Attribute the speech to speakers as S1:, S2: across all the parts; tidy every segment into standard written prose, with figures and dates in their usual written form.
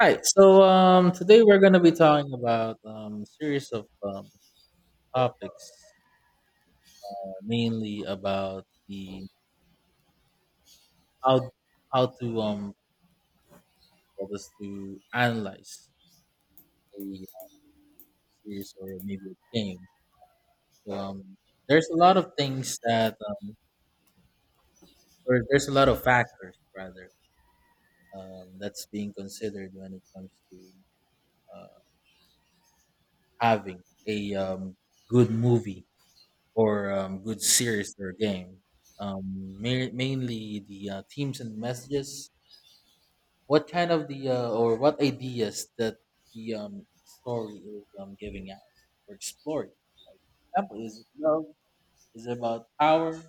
S1: Hi. Today we're going to be talking about series of topics, mainly about the how how to for us to analyze a series or maybe a game. So um, there's a lot of things that or there's a lot of factors rather that's being considered when it comes to uh, having a good movie or good series or game. Mainly the themes and messages. What kind of the or what ideas that the story is giving out or exploring? For example, is it love? Is it about power?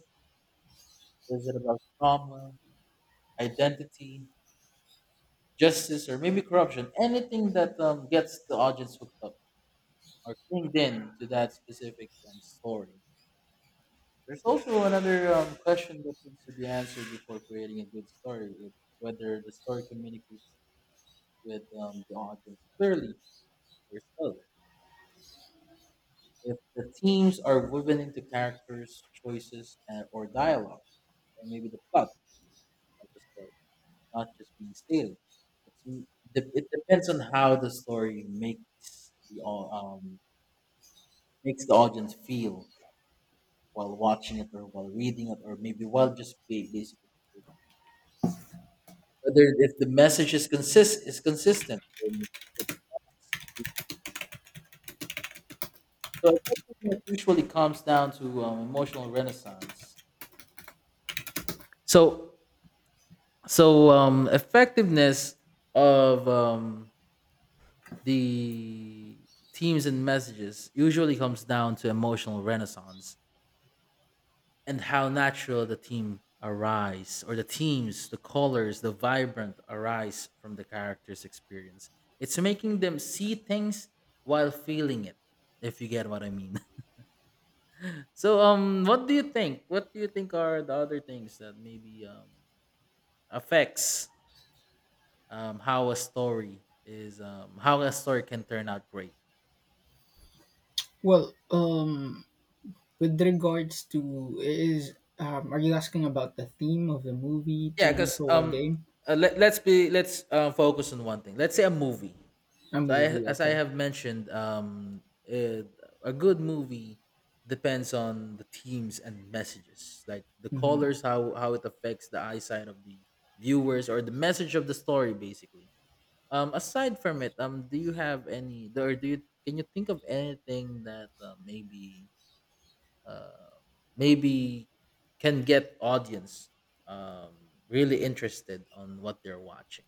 S1: Is it about trauma, identity, justice, or maybe corruption? Anything that gets the audience hooked up or linked in to that specific story. There's also another question that needs to be answered before creating a good story. It's whether the story communicates with the audience clearly or subtly. If the themes are woven into characters' choices and, or dialogue, or maybe the plot of the story, not just being stated. It depends on how the story makes the makes the audience feel while watching it, or while reading it, or maybe while just basically whether if the message is consistent. So effectiveness usually comes down to emotional renaissance. So so effectiveness of the themes and messages usually comes down to emotional renaissance. And how natural the team arise or the teams, the colors, the vibrant arise from the character's experience. It's making them see things while feeling it, if you get what I mean. So, what do you think, what do you think are the other things that maybe affects how a story is how a story can turn out great?
S2: Well, with regards to is are you asking about the theme of the movie,
S1: Yeah,
S2: TV
S1: because
S2: show, or game?
S1: let's be let's focus on one thing, let's say a movie.
S2: A
S1: So I,
S2: movie,
S1: as I
S2: okay.
S1: have mentioned, eh, a good movie depends on the themes and messages, like the
S2: Hmm.
S1: colors, how it affects the eyesight of the viewers or the message of the story, basically. Aside from it, do you have any, or do you, can you think of anything that uh, maybe can get audience um, really interested on what they're watching?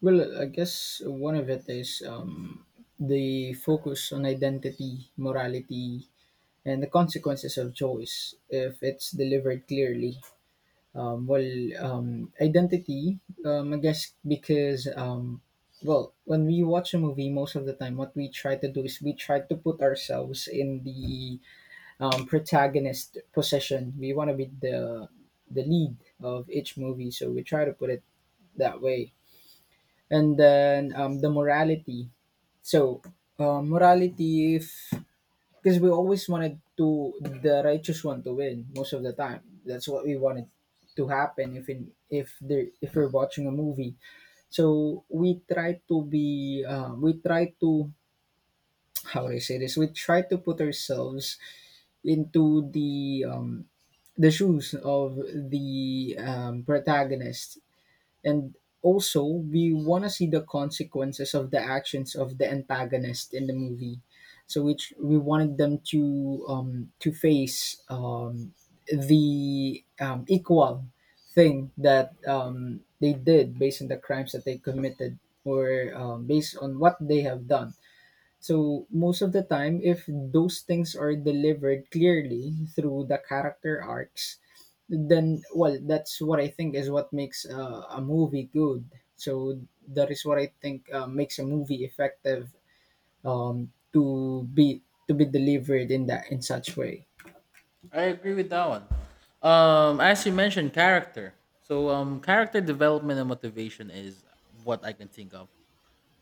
S2: Well, I guess one of it is the focus on identity, morality, and the consequences of choice if it's delivered clearly. Well, identity, I guess because, well, when we watch a movie, most of the time, what we try to do is we try to put ourselves in the protagonist position. We want to be the lead of each movie, so we try to put it that way. And then the morality. So, morality, if because we always wanted to the righteous one to win most of the time. That's what we wanted to happen if in if there if we're watching a movie. So we try to be we try to how do I say this? We try to put ourselves into the shoes of the protagonist, and also, we want to see the consequences of the actions of the antagonist in the movie. So, which we wanted them to face the equal thing that they did based on the crimes that they committed or based on what they have done, so most of the time, if those things are delivered clearly through the character arcs, then well, that's what I think is what makes a movie good. So that is what I think makes a movie effective to be delivered in that in such way.
S1: I agree with that one. As you mentioned, character. So, character development and motivation is what I can think of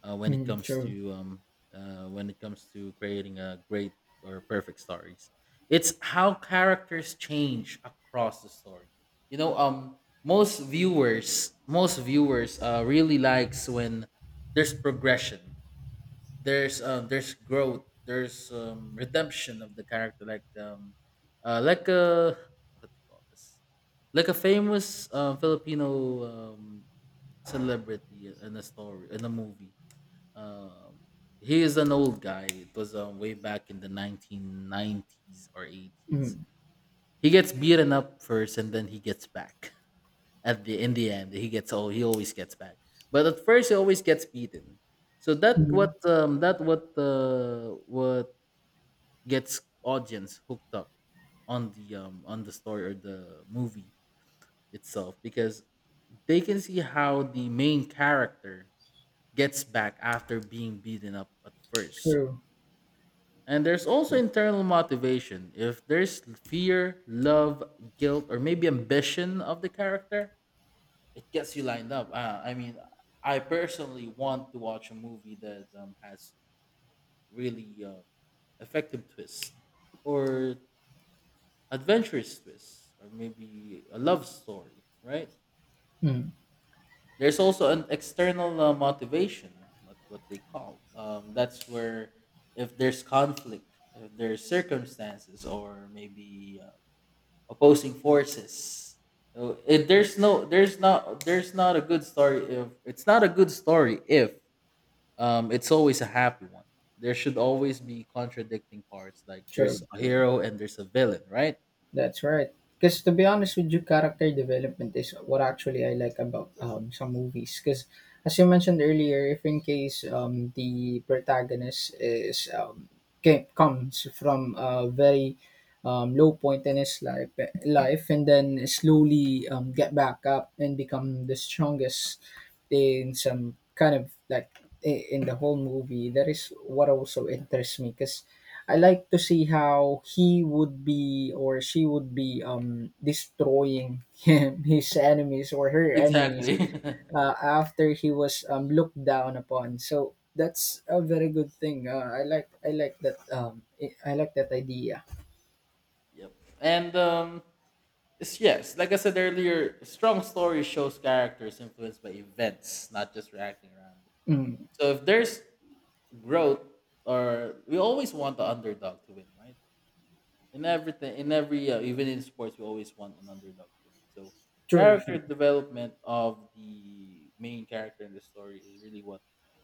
S1: uh, when it
S2: Mm,
S1: comes
S2: true.
S1: to um, when it comes to creating a great or perfect stories. It's how characters change across the story. You know, most viewers really likes when there's progression, there's growth, there's redemption of the character. Like like a, what do you call this, like a famous filipino um celebrity in a story, in a movie. um he is an old guy. It was way back in the 1990s or 80s.
S2: Mm,
S1: He gets beaten up first and then he gets back at the, in the end. He gets all he always gets back, but at first he always gets beaten. So that what
S2: mm,
S1: what gets audience hooked up on the story or the movie itself, because they can see how the main character gets back after being beaten up at first.
S2: true.
S1: And there's also
S2: True.
S1: internal motivation, if there's fear, love, guilt, or maybe ambition of the character. It gets you lined up. I mean, I personally want to watch a movie that has really effective twists or adventurous twists, or maybe a love story, right?
S2: Mm,
S1: There's also an external motivation, like what they call. That's where if there's conflict, if there's circumstances, or maybe opposing forces. So, it, there's no, there's not, There's not a good story if it's always a happy one. There should always be contradicting parts. Like there's
S2: true.
S1: a
S2: True.
S1: hero and there's a villain, right?
S2: That's right. Because to be honest with you, character development is what actually I like about some movies. Because as you mentioned earlier, if in case the protagonist is comes from a very low point in his life, and then slowly get back up and become the strongest in some kind of like in the whole movie, that is what also interests me. Because I like to see how he would be or she would be destroying him, his enemies or her enemies
S1: Exactly.
S2: after he was looked down upon. So that's a very good thing. I like that I like that idea.
S1: Yep. And it's, yes, like I said earlier, strong story shows characters influenced by events, not just reacting randomly.
S2: Mm,
S1: So if there's growth, or we always want the underdog to win, right? In everything, in every even in sports, we always want an underdog to win. So
S2: sure, sure.
S1: character development of the main character in the story is really what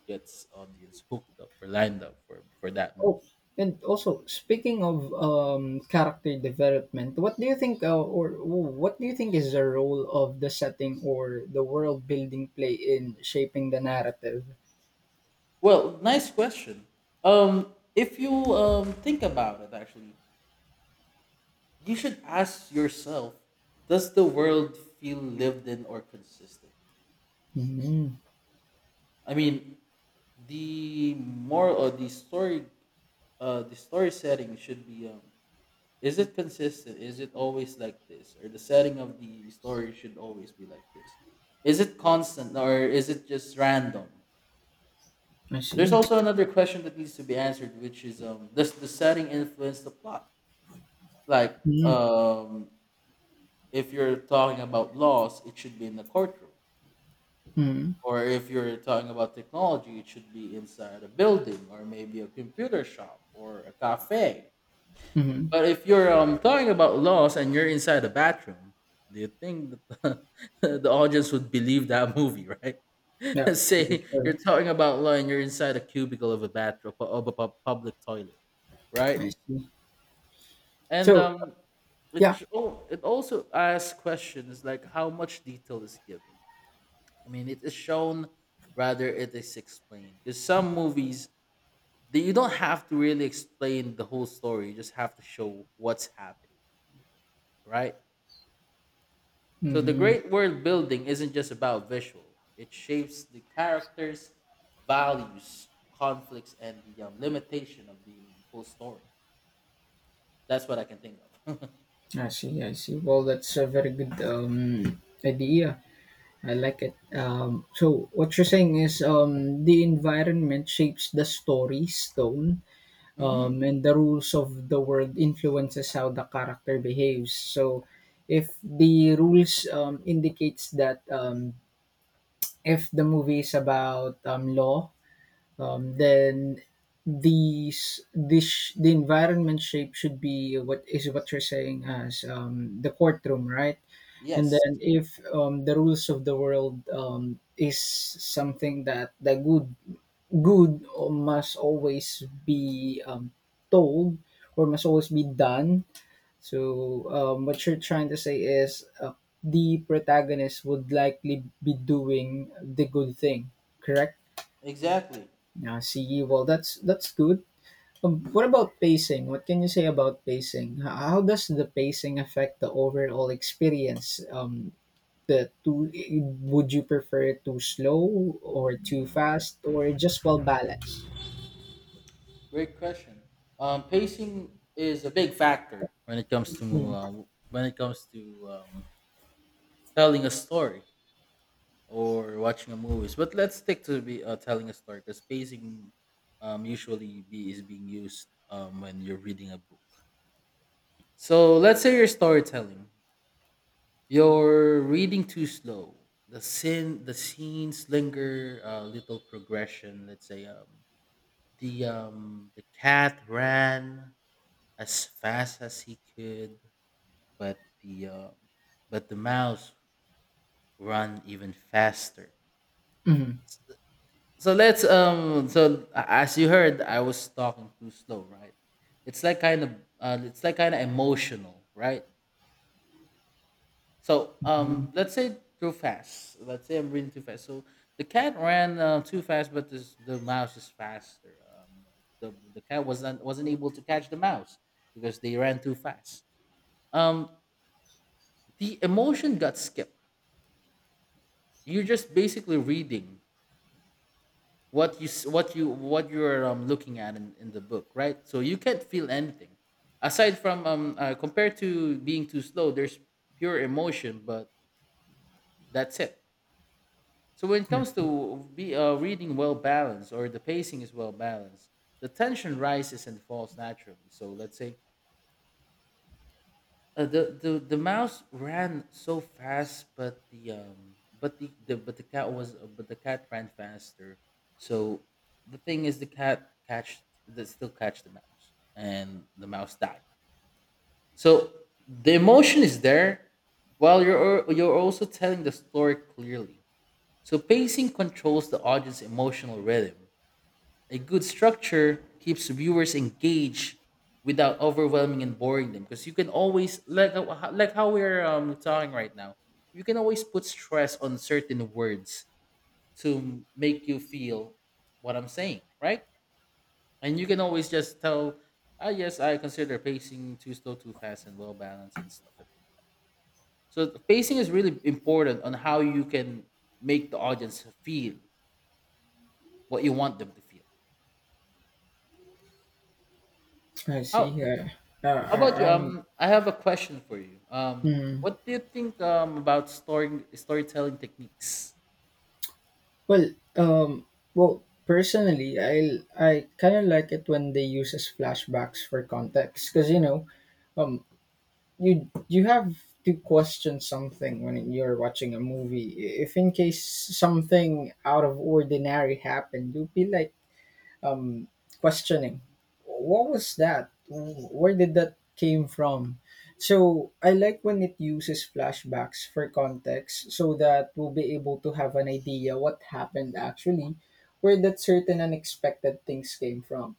S1: gets audience hooked up or lined up for that
S2: Oh,
S1: movie.
S2: and also speaking of character development, what do you think is the role of the setting or the world building play in shaping the narrative?
S1: Well, nice question. If you think about it, actually, you should ask yourself, does the world feel lived in or consistent?
S2: Mhm.
S1: I mean, the moral or the story, the story setting should be is it consistent? Is it always like this? Or the setting of the story should always be like this? Is it constant, or is it just random?
S2: I
S1: There's
S2: see.
S1: also another question that needs to be answered, which is, does the setting influence the plot? Like
S2: Mhm.
S1: if you're talking about laws, it should be in the courtroom.
S2: Mhm.
S1: Or if you're talking about technology, it should be inside a building, or maybe a computer shop or a cafe.
S2: Mhm.
S1: But if you're talking about laws and you're inside a bathroom, do you think that the audience would believe that movie, right?
S2: Yeah,
S1: Let's
S2: true,
S1: say
S2: true.
S1: you're talking about law and you're inside a cubicle of a bathroom of a public toilet, right?
S2: I see.
S1: And
S2: So, yeah.
S1: which oh, it also asks questions like how much detail is given. I mean, it is shown rather it is explained, because some movies that you don't have to really explain the whole story; you just have to show what's happened, right? So the
S2: Mhm.
S1: great world building isn't just about visual. It shapes the characters, values, conflicts, and the limitation of the whole story. That's what I can think of.
S2: I see. I see. Well, that's a very good idea. I like it. So, what you're saying is the environment shapes the story stone,
S1: Mhm.
S2: and the rules of the world influences how the character behaves. So, if the rules indicates that if the movie is about law, then the environment shape should be what is what you're saying as the courtroom, right? And
S1: Yes,
S2: then if the rules of the world is something that the good must always be told or must always be done. So, what you're trying to say is the protagonist would likely be doing the good thing, correct?
S1: exactly.
S2: Yeah, I see. Well, that's good. What about pacing? What can you say about pacing? How does the pacing affect the overall experience? The too, would you prefer it too slow or too fast or just well balanced?
S1: Great question. Pacing is a big factor when it comes to
S2: Mm.
S1: uh, when it comes to um, telling a story or watching a movie. But let's stick to be telling a story, because pacing is being used when you're reading a book. So let's say you're storytelling. You're reading too slow. The scenes linger. Little progression. Let's say the cat ran as fast as he could, but the mouse run even faster.
S2: Hmm.
S1: So as you heard, I was talking too slow, right? It's like kind of it's like kind of emotional, right? So
S2: Hmm.
S1: let's say too fast. Let's say I'm reading too fast. So the cat ran too fast, but the mouse is faster. The cat wasn't able to catch the mouse because they ran too fast. Um, the emotion got skipped. You're just basically reading what you s- what you what you're looking at in the book, right? So you can't feel anything aside from compared to being too slow. There's pure emotion, but that's it. So when it
S2: I
S1: comes
S2: see.
S1: to be reading well balanced, or the pacing is well balanced, the tension rises and falls naturally. So let's say the mouse ran so fast, but the cat was but the cat ran faster. So the thing is, the cat catch that still catch the mouse, and the mouse died. So the emotion is there, while you're also telling the story clearly. So pacing controls the audience emotional rhythm. A good structure keeps viewers engaged without overwhelming and boring them, because you can always, like how we're talking right now. You can always put stress on certain words to make you feel what I'm saying, right? And you can always just tell, ah, yes, I consider pacing too slow, too fast, and well balanced and stuff like that. So the pacing is really important on how you can make the audience feel what you want them to feel.
S2: I see.
S1: How
S2: Yeah.
S1: How
S2: I,
S1: about you?
S2: I'm.
S1: I have a question for you.
S2: Mm.
S1: What do you think about storing storytelling techniques?
S2: Well, well, personally, I kind of like it when they uses flashbacks for context, because um, you have to question something when you're watching a movie. If in case something out of ordinary happened, you'll be like um questioning, what was that, where did that came from? So I like when it uses flashbacks for context, so that we'll be able to have an idea what happened actually, where that certain unexpected things came from.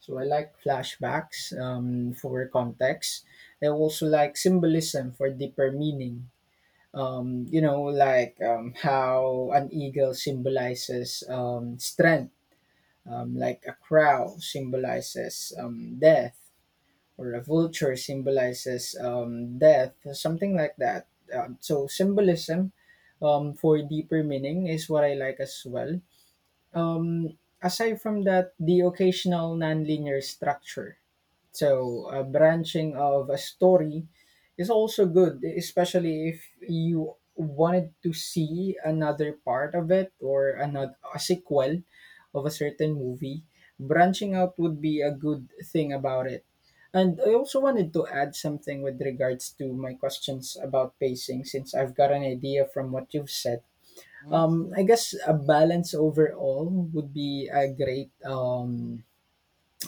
S2: So I like flashbacks for context. I also like symbolism for deeper meaning. Like how an eagle symbolizes strength, like a crow symbolizes death, or a vulture symbolizes death, something like that. So, symbolism for deeper meaning is what I like as well. Aside from that, the occasional nonlinear structure, so, a branching of a story is also good, especially if you wanted to see another part of it or another a sequel of a certain movie. Branching out would be a good thing about it. And I also wanted to add something with regards to my questions about pacing, since I've got an idea from what you've said.
S1: Hmm.
S2: I guess a balance overall would be a great um,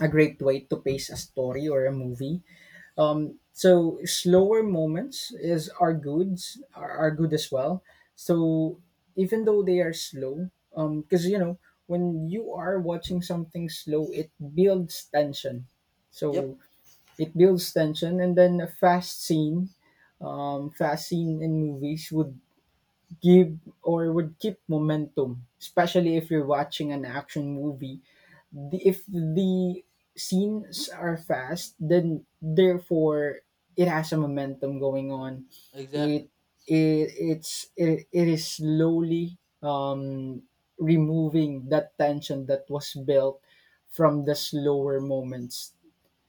S2: a great way to pace a story or a movie. So, slower moments is are good as well. So even though they are slow, because when you are watching something slow, it builds tension.
S1: Yep,
S2: So it builds tension, and then a fast scene in movies would give or would keep momentum, especially if you're watching an action movie, if the scenes are fast, then therefore it has a momentum going on.
S1: exactly.
S2: It it is slowly um removing that tension that was built from the slower moments.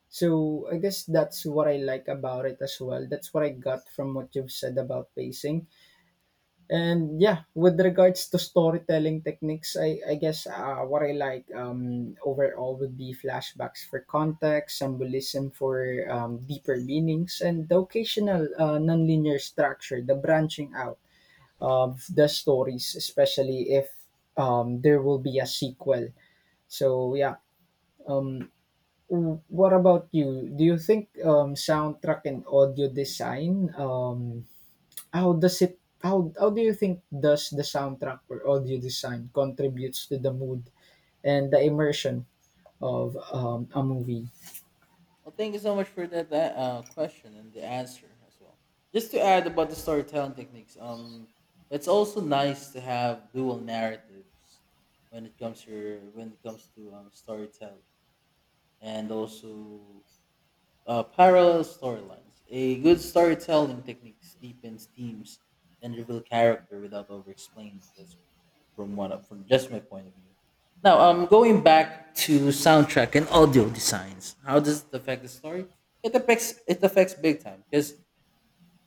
S2: So I guess that's what I like about it as well. That's what I got from what you've said about pacing. And yeah, with regards to storytelling techniques, I guess what I like overall would be flashbacks for context, symbolism for deeper meanings, and the occasional nonlinear structure, the branching out of the stories, especially if there will be a sequel. So yeah, um, what about you? Do you think soundtrack and audio design, how do you think does the soundtrack or audio design contributes to the mood and the immersion of a movie?
S1: Well, thank you so much for that question and the answer as well. Just to add about the storytelling techniques, it's also nice to have dual narratives when it comes to storytelling, and also, uh, parallel storylines. A good storytelling technique deepens themes and reveal character without over explaining. That's from from just my point of view. Now, going back to soundtrack and audio designs, how does it affect the story? It affects big time, because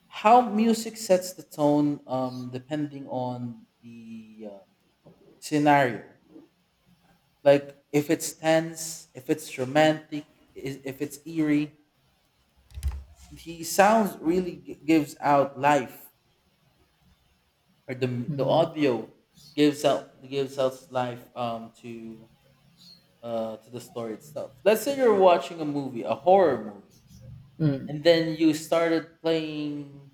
S1: how music sets the tone, depending on the scenario. Like if it's tense, if it's romantic, if it's eerie. He sounds really gives out life, or the
S2: Mm.
S1: audio gives out gives us life to the story itself. Let's say you're watching a movie, a horror movie,
S2: Mm.
S1: and then you started playing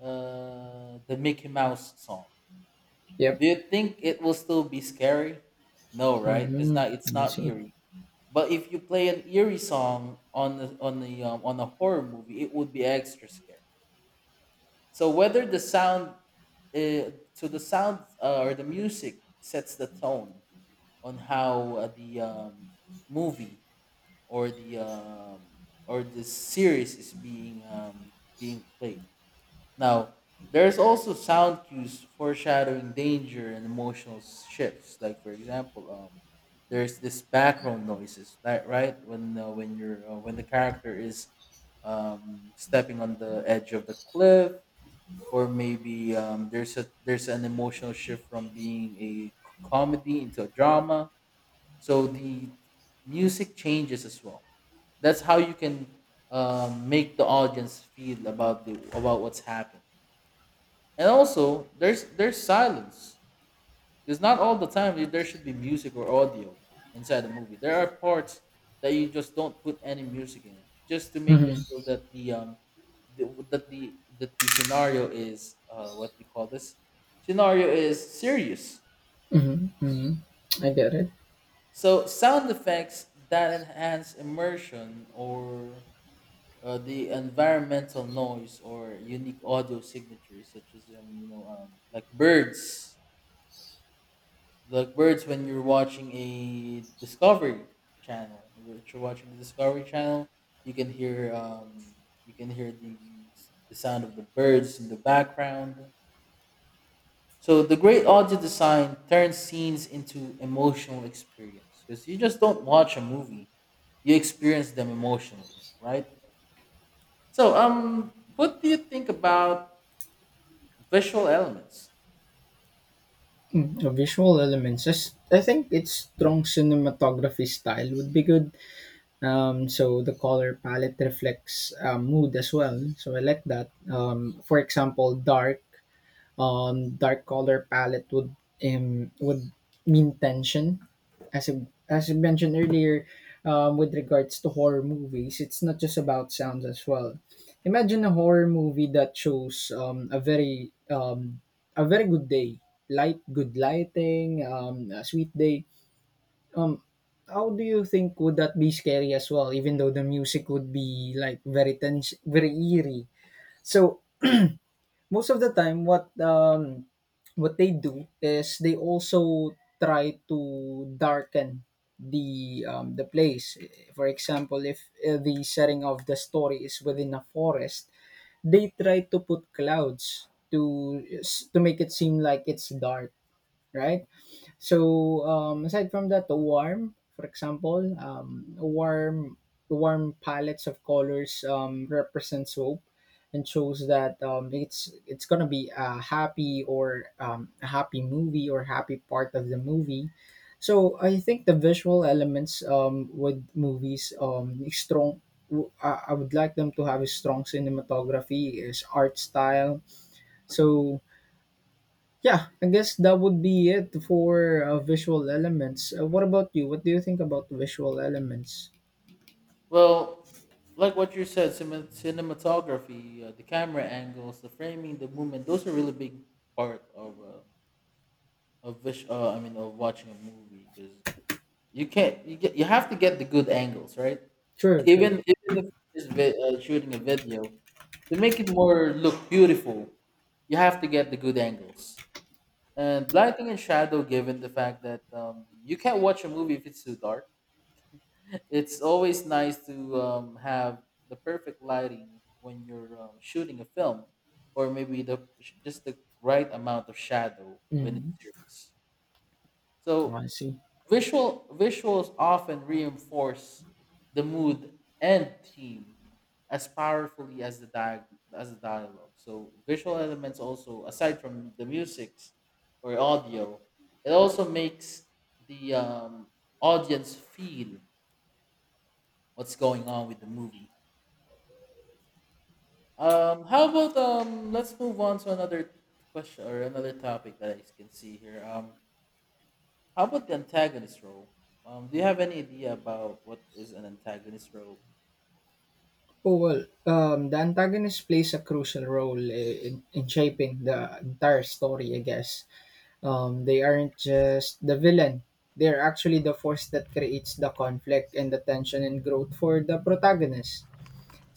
S1: the Mickey Mouse song.
S2: Yep.
S1: Do you think it will still be scary? No, right? It's
S2: Mm-hmm. I
S1: not
S2: see.
S1: eerie. But if you play an eerie song on the on the on a horror movie, it would be extra scary. So whether the sound, the sound or the music sets the tone on how the movie or the um, or the series is being being played. Now there's also sound cues foreshadowing danger and emotional shifts. Like for example, there's this background noises, right? When you're when the character is stepping on the edge of the cliff, or maybe there's a there's an emotional shift from being a comedy into a drama. So the music changes as well. That's how you can make the audience feel about the about what's happening. And also there's silence, because not all the time there should be music or audio inside the movie. There are parts that you just don't put any music in, it, just to make them
S2: Mm-hmm.
S1: feel that the, that the that the scenario is what you call this scenario is serious.
S2: Mm-hmm. Mm-hmm. I get it.
S1: So sound effects that enhance immersion, or the environmental noise, or unique audio signatures, such as like birds, like birds when you're watching a Discovery Channel, if you're watching the Discovery Channel, you can hear you can hear the the sound of the birds in the background. So the great audio design turns scenes into emotional experience, because you just don't watch a movie, you experience them emotionally, right? So what do you think about visual elements?
S2: Mm. Visual elements. I think its strong cinematography style would be good. So, the color palette reflects mood as well. So I like that. For example, dark color palette would um, would mean tension. As I mentioned earlier, with regards to horror movies, it's not just about sounds as well. Imagine a horror movie that shows a very good day, light, good lighting, a sweet day. Um, how do you think would that be scary as well? Even though the music would be like very tense, very eerie. So most of the time, what they do is they also try to darken the place. For example, if the setting of the story is within a forest, they try to put clouds to make it seem like it's dark, right? So, aside from that, the warm, for example, warm palettes of colors represents hope and shows that it's gonna be a happy or a happy movie or happy part of the movie. So I think the visual elements with movies is strong. I would like them to have a strong cinematography, is art style. So yeah, I guess that would be it for visual elements. What about you? What do you think about visual elements?
S1: Well, like what you said, cinematography, the camera angles, the framing, the movement, those are really big part of watching a movie, because you can't you get you have to get the good angles, right?
S2: True, true.
S1: Even if it's shooting a video, to make it more look beautiful, you have to get the good angles. And lighting and shadow, given the fact that you can't watch a movie if it's too dark. It's always nice to have the perfect lighting when you're shooting a film, or maybe the just the right amount of shadow when it's
S2: Mm,
S1: serious. So
S2: I see.
S1: visuals often reinforce the mood and theme as powerfully as the dialogue. So visual elements also, aside from the musics or audio, it also makes the audience feel what's going on with the movie. How about let's move on to another question or another topic that I can see here. How about the antagonist role? Do you have any idea about what is an antagonist role?
S2: Oh well, the antagonist plays a crucial role in shaping the entire story. I guess they aren't just the villain; they're actually the force that creates the conflict and the tension and growth for the protagonist.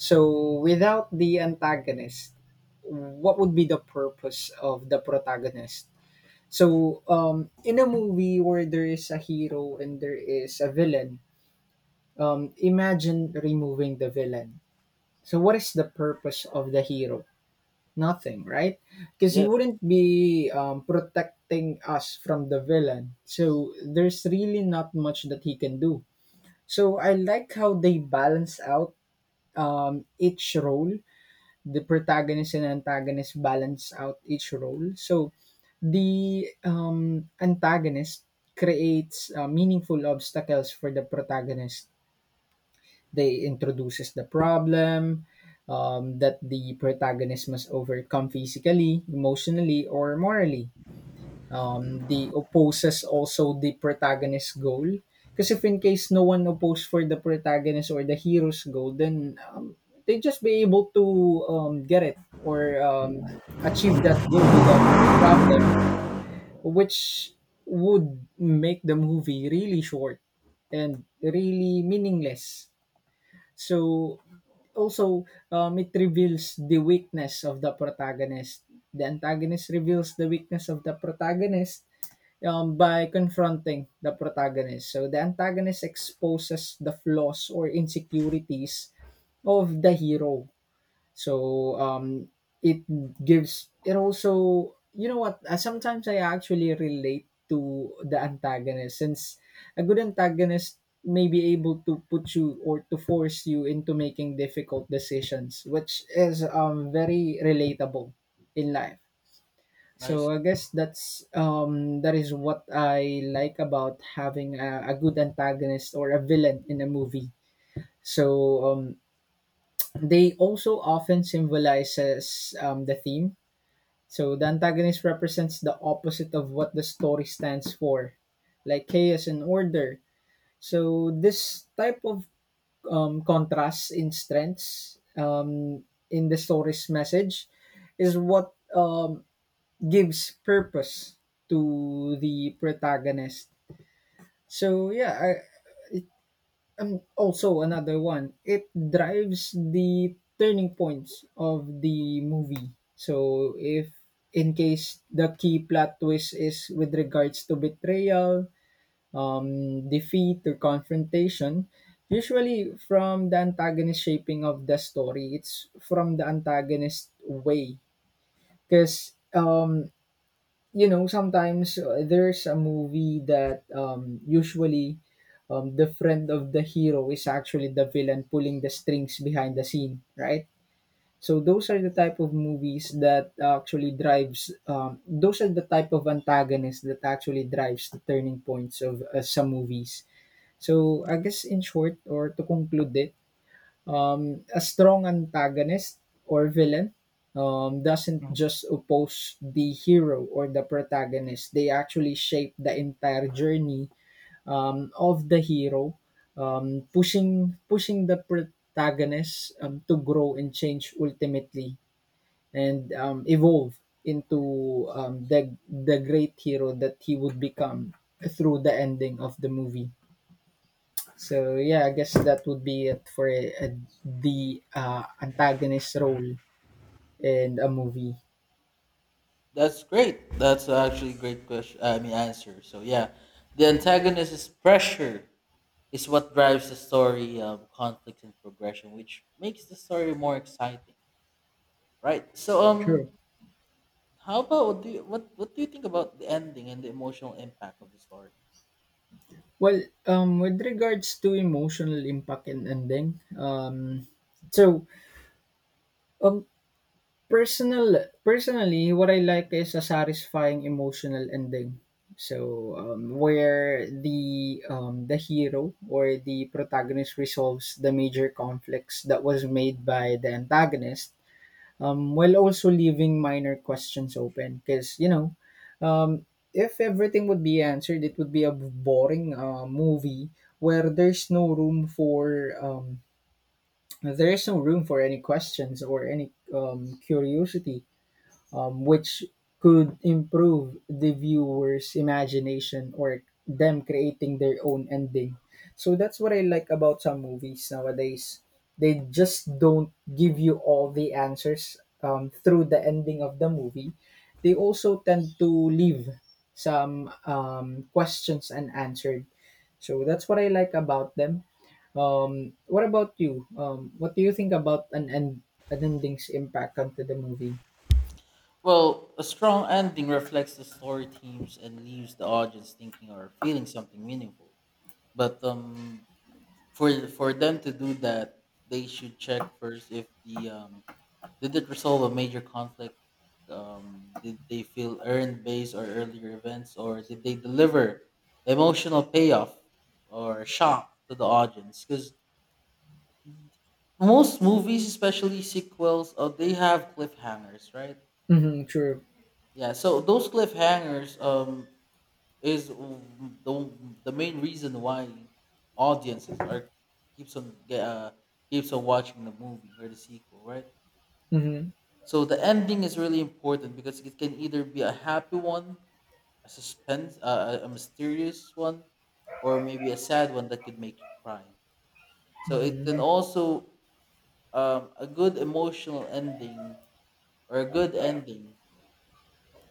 S2: So, without the antagonist, what would be the purpose of the protagonist? So, in a movie where there is a hero and there is a villain, imagine removing the villain. So, what is the purpose of the hero? Nothing, right? Because he
S1: Yes,
S2: wouldn't be protecting us from the villain. So, there's really not much that he can do. So, I like how they balance out each role, the protagonist and antagonist balance out each role. So the antagonist creates meaningful obstacles for the protagonist. They introduces the problem that the protagonist must overcome physically, emotionally, or morally. They opposes also the protagonist's goal. Because if in case no one opposed for the protagonist or the hero's goal, then they just be able to get it or achieve that goal without any problem, which would make the movie really short and really meaningless. So also it reveals the weakness of the protagonist. The antagonist reveals the weakness of the protagonist by confronting the protagonist. So the antagonist exposes the flaws or insecurities of the hero. So it gives it also you know what sometimes I actually relate to the antagonist, since a good antagonist may be able to put you or to force you into making difficult decisions, which is very relatable in life. So
S1: nice.
S2: I guess that's that is what I like about having a good antagonist or a villain in a movie. So they also often symbolizes the theme. So the antagonist represents the opposite of what the story stands for, like chaos and order. So this type of contrast in strengths, in the story's message, is what gives purpose to the protagonist. So yeah, I'm also another one. It drives the turning points of the movie. So if in case the key plot twist is with regards to betrayal, defeat or confrontation, usually from the antagonist shaping of the story, it's from the antagonist way. Because. You know, sometimes there's a movie that usually the friend of the hero is actually the villain pulling the strings behind the scene, right? So those are the type of movies that actually drives those are the type of antagonists that actually drives the turning points of some movies. So I guess, in short, or to conclude it, a strong antagonist or villain doesn't just oppose the hero or the protagonist, they actually shape the entire journey of the hero, pushing the protagonist to grow and change, ultimately, and evolve into the great hero that he would become through the ending of the movie. So yeah, I guess that would be it for the antagonist role in a movie.
S1: That's great. That's actually a great question. I mean, answer. So yeah, the antagonist is pressure, is what drives the story, conflict and progression, which makes the story more exciting, right? So
S2: Sure.
S1: how about what do you, what do you think about the ending and the emotional impact of the story?
S2: Well, with regards to emotional impact and ending, so um, personally, what I like is a satisfying emotional ending. So where the hero or the protagonist resolves the major conflicts that was made by the antagonist, while also leaving minor questions open. Because, you know, um, if everything would be answered, it would be a boring movie where there's no room for there's no room for any questions or any curiosity, which could improve the viewer's imagination or them creating their own ending. So that's what I like about some movies nowadays. They just don't give you all the answers through the ending of the movie. They also tend to leave some questions unanswered. So that's what I like about them. What about you? What do you think about an ending's impact onto the movie?
S1: Well, a strong ending reflects the story themes and leaves the audience thinking or feeling something meaningful. But for them to do that, they should check first if the did it resolve a major conflict? Did they feel earned based or earlier events, or did they deliver emotional payoff or shock to the audience? Because most movies, especially sequels, they have cliffhangers, right?
S2: Mm-hmm, true.
S1: Yeah, so those cliffhangers is the the main reason why audiences are keeps on ge- uh, keeps on watching the movie or the sequel, right?
S2: Mm-hmm.
S1: So the ending is really important because it can either be a happy one, a suspense, a mysterious one, or maybe a sad one that could make you cry. So it
S2: Mm-hmm.
S1: can also a good emotional ending or a good ending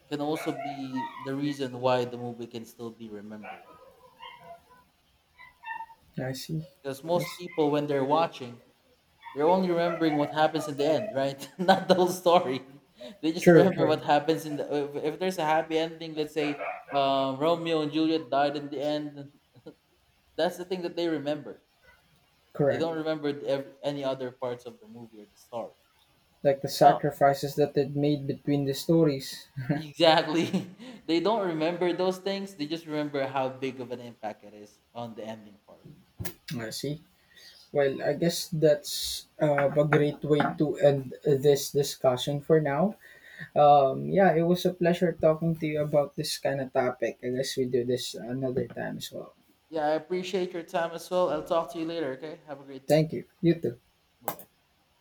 S1: can also be the reason why the movie can still be remembered.
S2: I see.
S1: Because most
S2: Yes.
S1: people, when they're watching, they're only remembering what happens in the end, right? Not the whole story. They just
S2: True,
S1: remember
S2: true.
S1: what happens in the. If there's a happy ending, let's say Romeo and Juliet died in the end, that's the thing that they remember. They
S2: Correct.
S1: don't remember any other parts of the movie or the story.
S2: Like the
S1: Oh,
S2: sacrifices that they made between the stories.
S1: exactly. They don't remember those things. They just remember how big of an impact it is on the ending part.
S2: I see. Well, I guess that's a great way to end this discussion for now. Yeah, it was a pleasure talking to you about this kind of topic. I guess we do this another time as well.
S1: Yeah, I appreciate your time as well. I'll talk to you later, okay? Have a great day.
S2: Thank you. You too.
S1: Bye bye.